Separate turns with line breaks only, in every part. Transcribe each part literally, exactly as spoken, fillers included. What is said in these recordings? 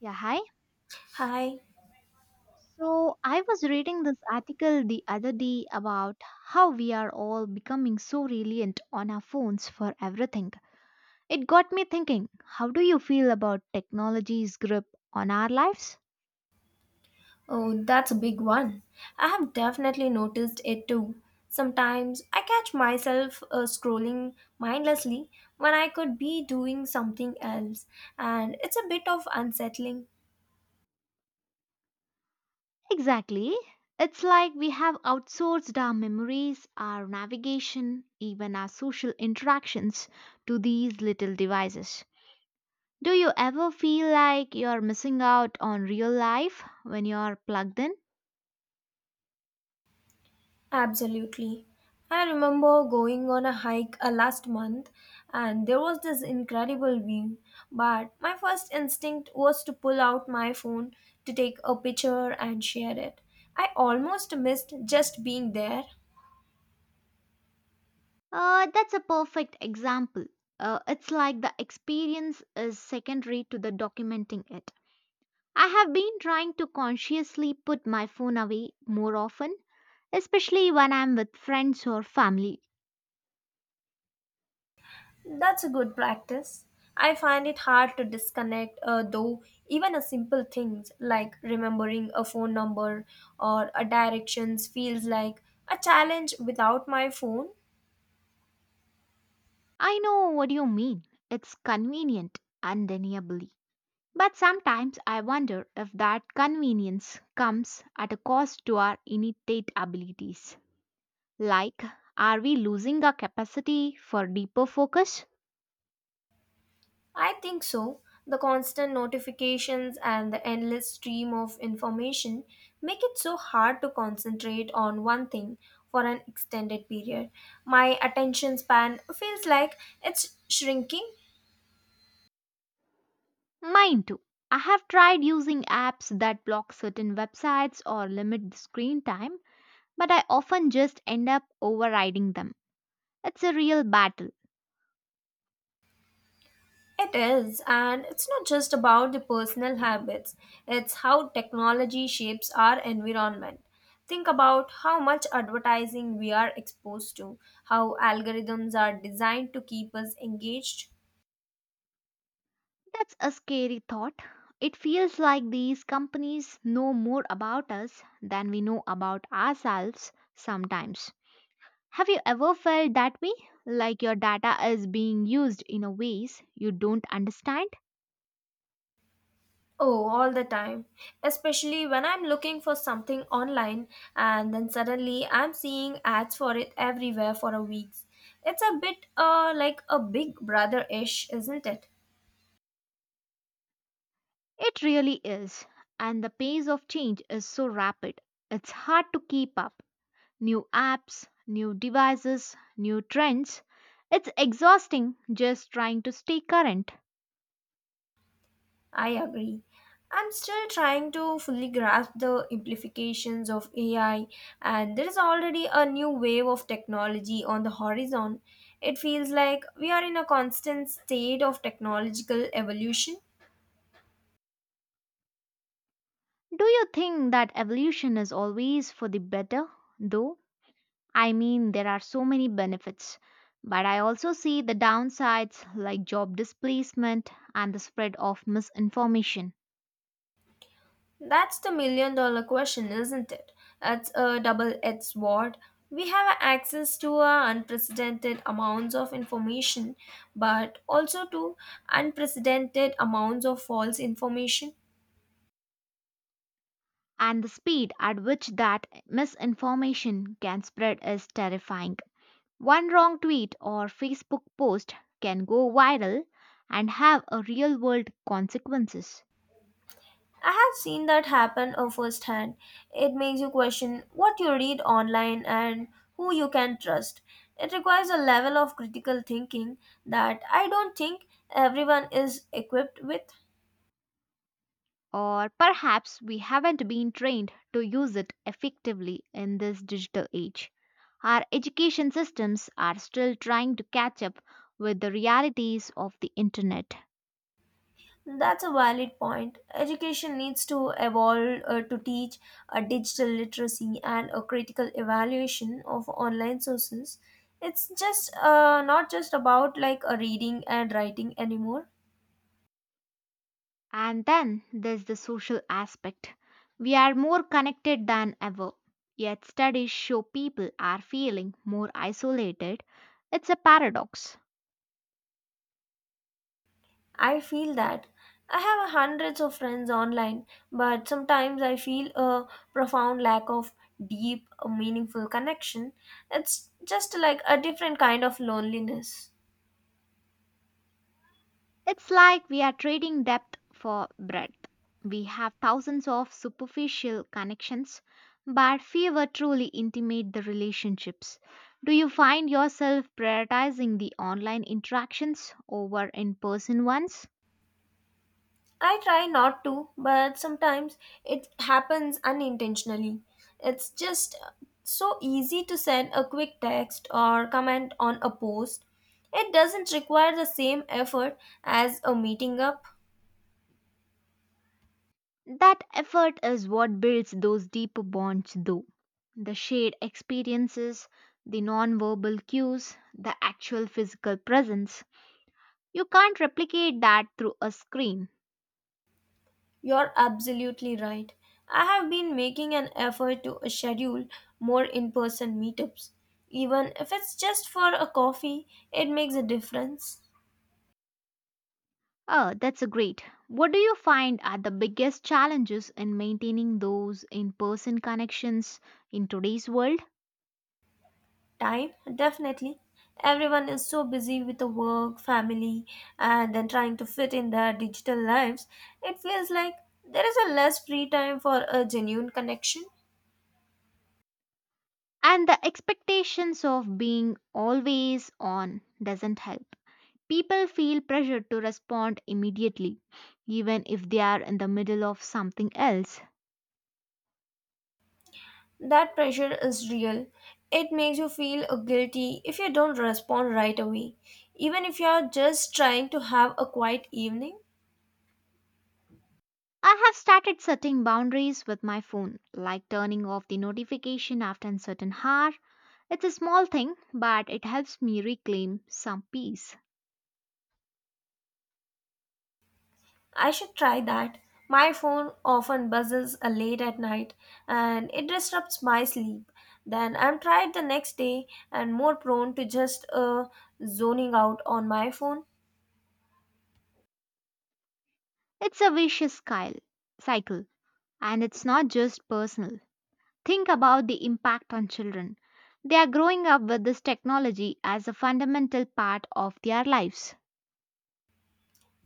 Yeah, hi.
Hi.
So I was reading this article the other day about how we are all becoming so reliant on our phones for everything. It got me thinking, how do you feel about technology's grip on our lives?
Oh, that's a big one. I have definitely noticed it too. Sometimes I catch myself uh, scrolling mindlessly when I could be doing something else, and it's a bit of unsettling.
Exactly. It's like we have outsourced our memories, our navigation, even our social interactions to these little devices. Do you ever feel like you're missing out on real life when you're plugged in?
Absolutely. I remember going on a hike uh, last month and there was this incredible view, but my first instinct was to pull out my phone to take a picture and share it. I almost missed just being there.
Uh, that's a perfect example. Uh, it's like the experience is secondary to the documenting it. I have been trying to consciously put my phone away more often, especially when I'm with friends or family.
That's a good practice. I find it hard to disconnect, uh, though, even a simple things like remembering a phone number or a directions feels like a challenge without my phone.
I know what you mean. It's convenient, undeniably. But sometimes I wonder if that convenience comes at a cost to our innate abilities. Like, are we losing our capacity for deeper focus?
I think so. The constant notifications and the endless stream of information make it so hard to concentrate on one thing for an extended period. My attention span feels like it's shrinking.
Mine too. I have tried using apps that block certain websites or limit the screen time, but I often just end up overriding them. It's a real battle.
It is, and it's not just about the personal habits, it's how technology shapes our environment. Think about how much advertising we are exposed to, how algorithms are designed to keep us engaged.
That's a scary thought. It feels like these companies know more about us than we know about ourselves sometimes. Have you ever felt that way? Like your data is being used in a ways you don't understand?
Oh, all the time. Especially when I'm looking for something online and then suddenly I'm seeing ads for it everywhere for a week. It's a bit uh, like a big brother ish, isn't it?
It really is. And the pace of change is so rapid, it's hard to keep up. New apps, new devices, new trends. It's exhausting just trying to stay current.
I agree. I'm still trying to fully grasp the implications of A I, and there is already a new wave of technology on the horizon. It feels like we are in a constant state of technological evolution.
Do you think that evolution is always for the better, though? I mean, there are so many benefits. But I also see the downsides like job displacement and the spread of misinformation.
That's the million dollar question, isn't it? That's a double edged sword. We have access to uh, unprecedented amounts of information, but also to unprecedented amounts of false information.
And the speed at which that misinformation can spread is terrifying. One wrong tweet or Facebook post can go viral and have a real world consequences.
I have seen that happen uh, firsthand. It makes you question what you read online and who you can trust. It requires a level of critical thinking that I don't think everyone is equipped with.
Or perhaps we haven't been trained to use it effectively in this digital age. Our education systems are still trying to catch up with the realities of the internet.
That's a valid point. Education needs to evolve uh, to teach a digital literacy and a critical evaluation of online sources. It's just uh, not just about like a reading and writing anymore.
And then there's the social aspect. We are more connected than ever, yet studies show people are feeling more isolated. It's a paradox.
I feel that. I have hundreds of friends online, but sometimes I feel a profound lack of deep, meaningful connection. It's just like a different kind of loneliness.
It's like we are trading depth for breadth. We have thousands of superficial connections, but fewer truly intimate the relationships. Do you find yourself prioritizing the online interactions over in person ones?
I try not to, but sometimes it happens unintentionally. It's just so easy to send a quick text or comment on a post. It doesn't require the same effort as a meeting up.
That effort is what builds those deeper bonds, though. The shared experiences, the non-verbal cues, the actual physical presence. You can't replicate that through a screen.
You're absolutely right. I have been making an effort to schedule more in person meetups. Even if it's just for a coffee, it makes a difference.
Oh, that's a great. What do you find are the biggest challenges in maintaining those in person connections in today's world?
Time, definitely. Everyone is so busy with the work, family, and then trying to fit in their digital lives. It feels like there is a less free time for a genuine connection.
And the expectations of being always on doesn't help. People feel pressure to respond immediately, even if they are in the middle of something else.
That pressure is real. It makes you feel guilty if you don't respond right away, even if you are just trying to have a quiet evening.
I have started setting boundaries with my phone, like turning off the notification after a certain hour. It's a small thing, but it helps me reclaim some peace.
I should try that. My phone often buzzes uh, late at night and it disrupts my sleep. Then I'm tired the next day and more prone to just uh, zoning out on my phone.
It's a vicious cy- cycle, and it's not just personal. Think about the impact on children. They are growing up with this technology as a fundamental part of their lives.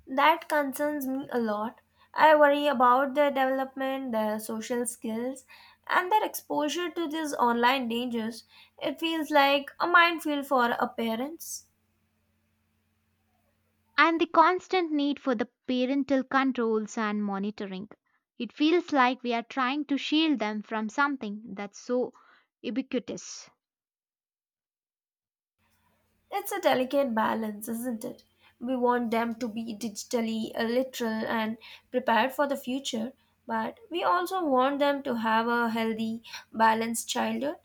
That concerns me a lot. I worry about their development, their social skills, and their exposure to these online dangers. It feels like a minefield for our parents.
And the constant need for the parental controls and monitoring. It feels like we are trying to shield them from something that's so ubiquitous.
It's a delicate balance, isn't it? We want them to be digitally literal and prepared for the future, but we also want them to have a healthy, balanced childhood.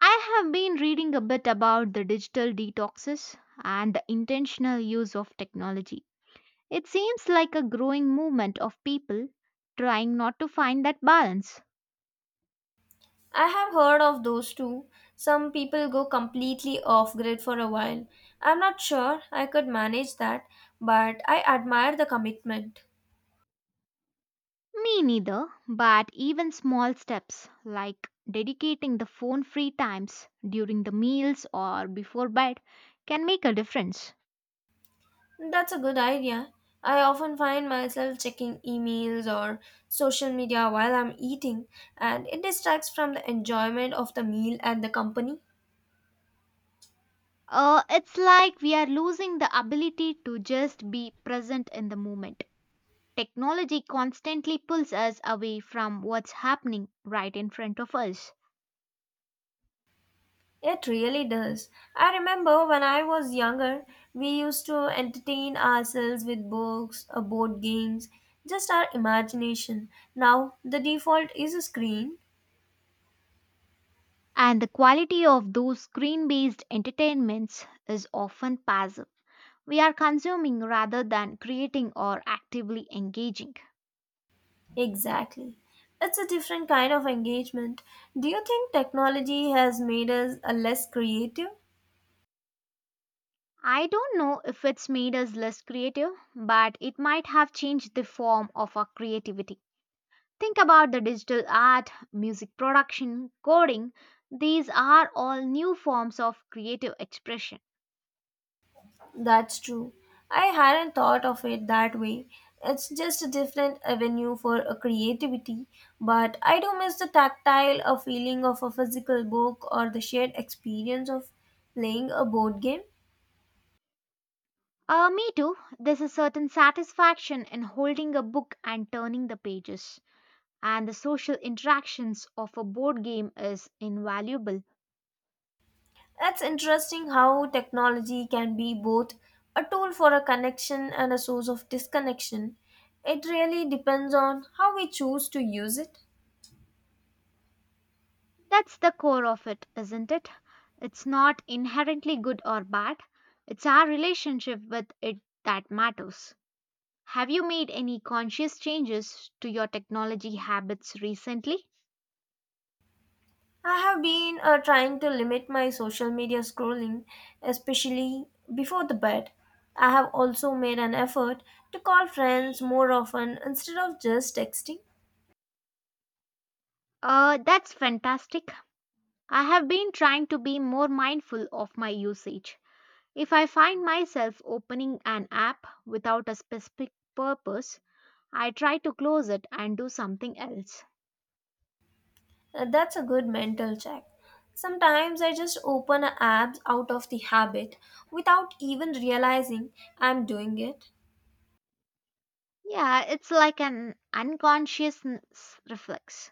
I have been reading a bit about the digital detoxes and the intentional use of technology. It seems like a growing movement of people trying not to find that balance.
I have heard of those too. Some people go completely off grid for a while. I'm not sure I could manage that, but I admire the commitment.
Me neither, but even small steps like dedicating the phone free times during the meals or before bed can make a difference.
That's a good idea. I often find myself checking emails or social media while I'm eating, and it distracts from the enjoyment of the meal and the company.
Uh, it's like we are losing the ability to just be present in the moment. Technology constantly pulls us away from what's happening right in front of us.
It really does. I remember when I was younger, we used to entertain ourselves with books or board games, just our imagination. Now, the default is a screen.
And the quality of those screen based entertainments is often passive. We are consuming rather than creating or actively engaging.
Exactly. It's a different kind of engagement. Do you think technology has made us a less creative?
I don't know if it's made us less creative, but it might have changed the form of our creativity. Think about the digital art, music production, coding. These are all new forms of creative expression.
That's true. I hadn't thought of it that way. It's just a different avenue for a creativity, but I do miss the tactile a feeling of a physical book or the shared experience of playing a board game.
Uh, me too. There's a certain satisfaction in holding a book and turning the pages. And the social interactions of a board game is invaluable.
It's interesting how technology can be both a tool for a connection and a source of disconnection. It really depends on how we choose to use it.
That's the core of it, isn't it? It's not inherently good or bad, it's our relationship with it that matters. Have you made any conscious changes to your technology habits recently?
I have been uh, trying to limit my social media scrolling, especially before the bed. I have also made an effort to call friends more often instead of just texting.
Uh, that's fantastic. I have been trying to be more mindful of my usage. If I find myself opening an app without a specific purpose, I try to close it and do something else.
Uh, that's a good mental check. Sometimes I just open a apps out of the habit without even realizing I'm doing it.
Yeah, it's like an unconscious n- s- reflex.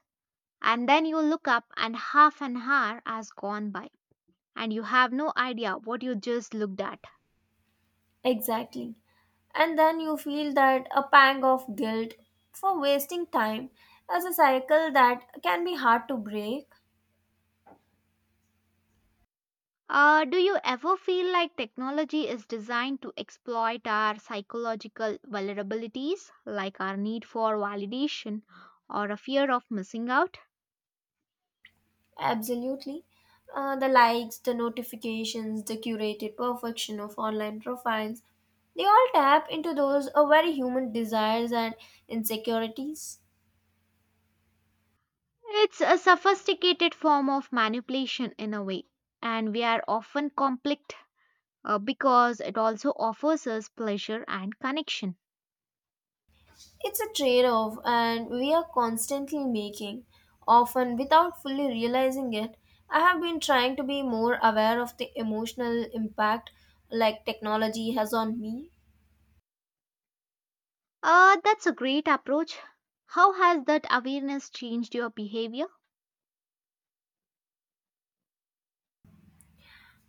And then you look up and half an hour has gone by and you have no idea what you just looked at.
Exactly. And then you feel that a pang of guilt for wasting time as a cycle that can be hard to break.
Uh, do you ever feel like technology is designed to exploit our psychological vulnerabilities, like our need for validation or a fear of missing out?
Absolutely. Uh, the likes, the notifications, the curated perfection of online profiles, they all tap into those uh, very human desires and insecurities.
It's a sophisticated form of manipulation in a way, and we are often conflict uh, because it also offers us pleasure and connection.
It's a trade off, and we are constantly making, often without fully realizing it. I have been trying to be more aware of the emotional impact like technology has on me.
Uh, that's a great approach. How has that awareness changed your behavior?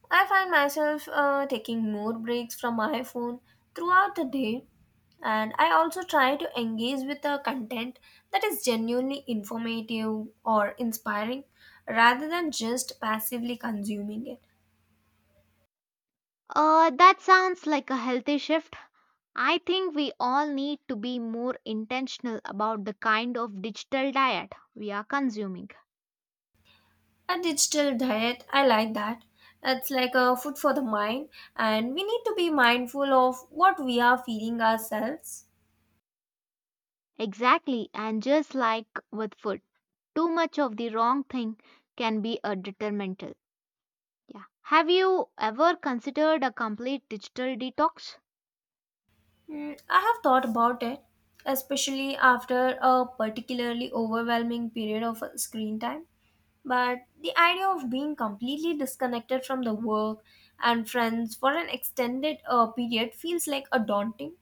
I find myself uh, taking more breaks from my phone throughout the day, and I also try to engage with the content that is genuinely informative or inspiring rather than just passively consuming it.
Uh, that sounds like a healthy shift. I think we all need to be more intentional about the kind of digital diet we are consuming.
A digital diet, I like that. It's like a food for the mind, and we need to be mindful of what we are feeding ourselves.
Exactly, and just like with food, too much of the wrong thing can be a detrimental. Yeah. Have you ever considered a complete digital detox?
Mm, I have thought about it, especially after a particularly overwhelming period of uh, screen time. But the idea of being completely disconnected from the work and friends for an extended uh, period feels like a daunting.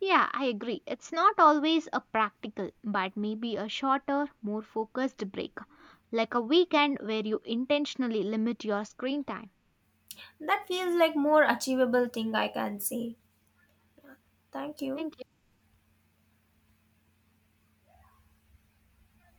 Yeah, I agree. It's not always a practical, but maybe a shorter, more focused break, like a weekend where you intentionally limit your screen time.
That feels like more achievable thing I can say. Thank you.
Thank you.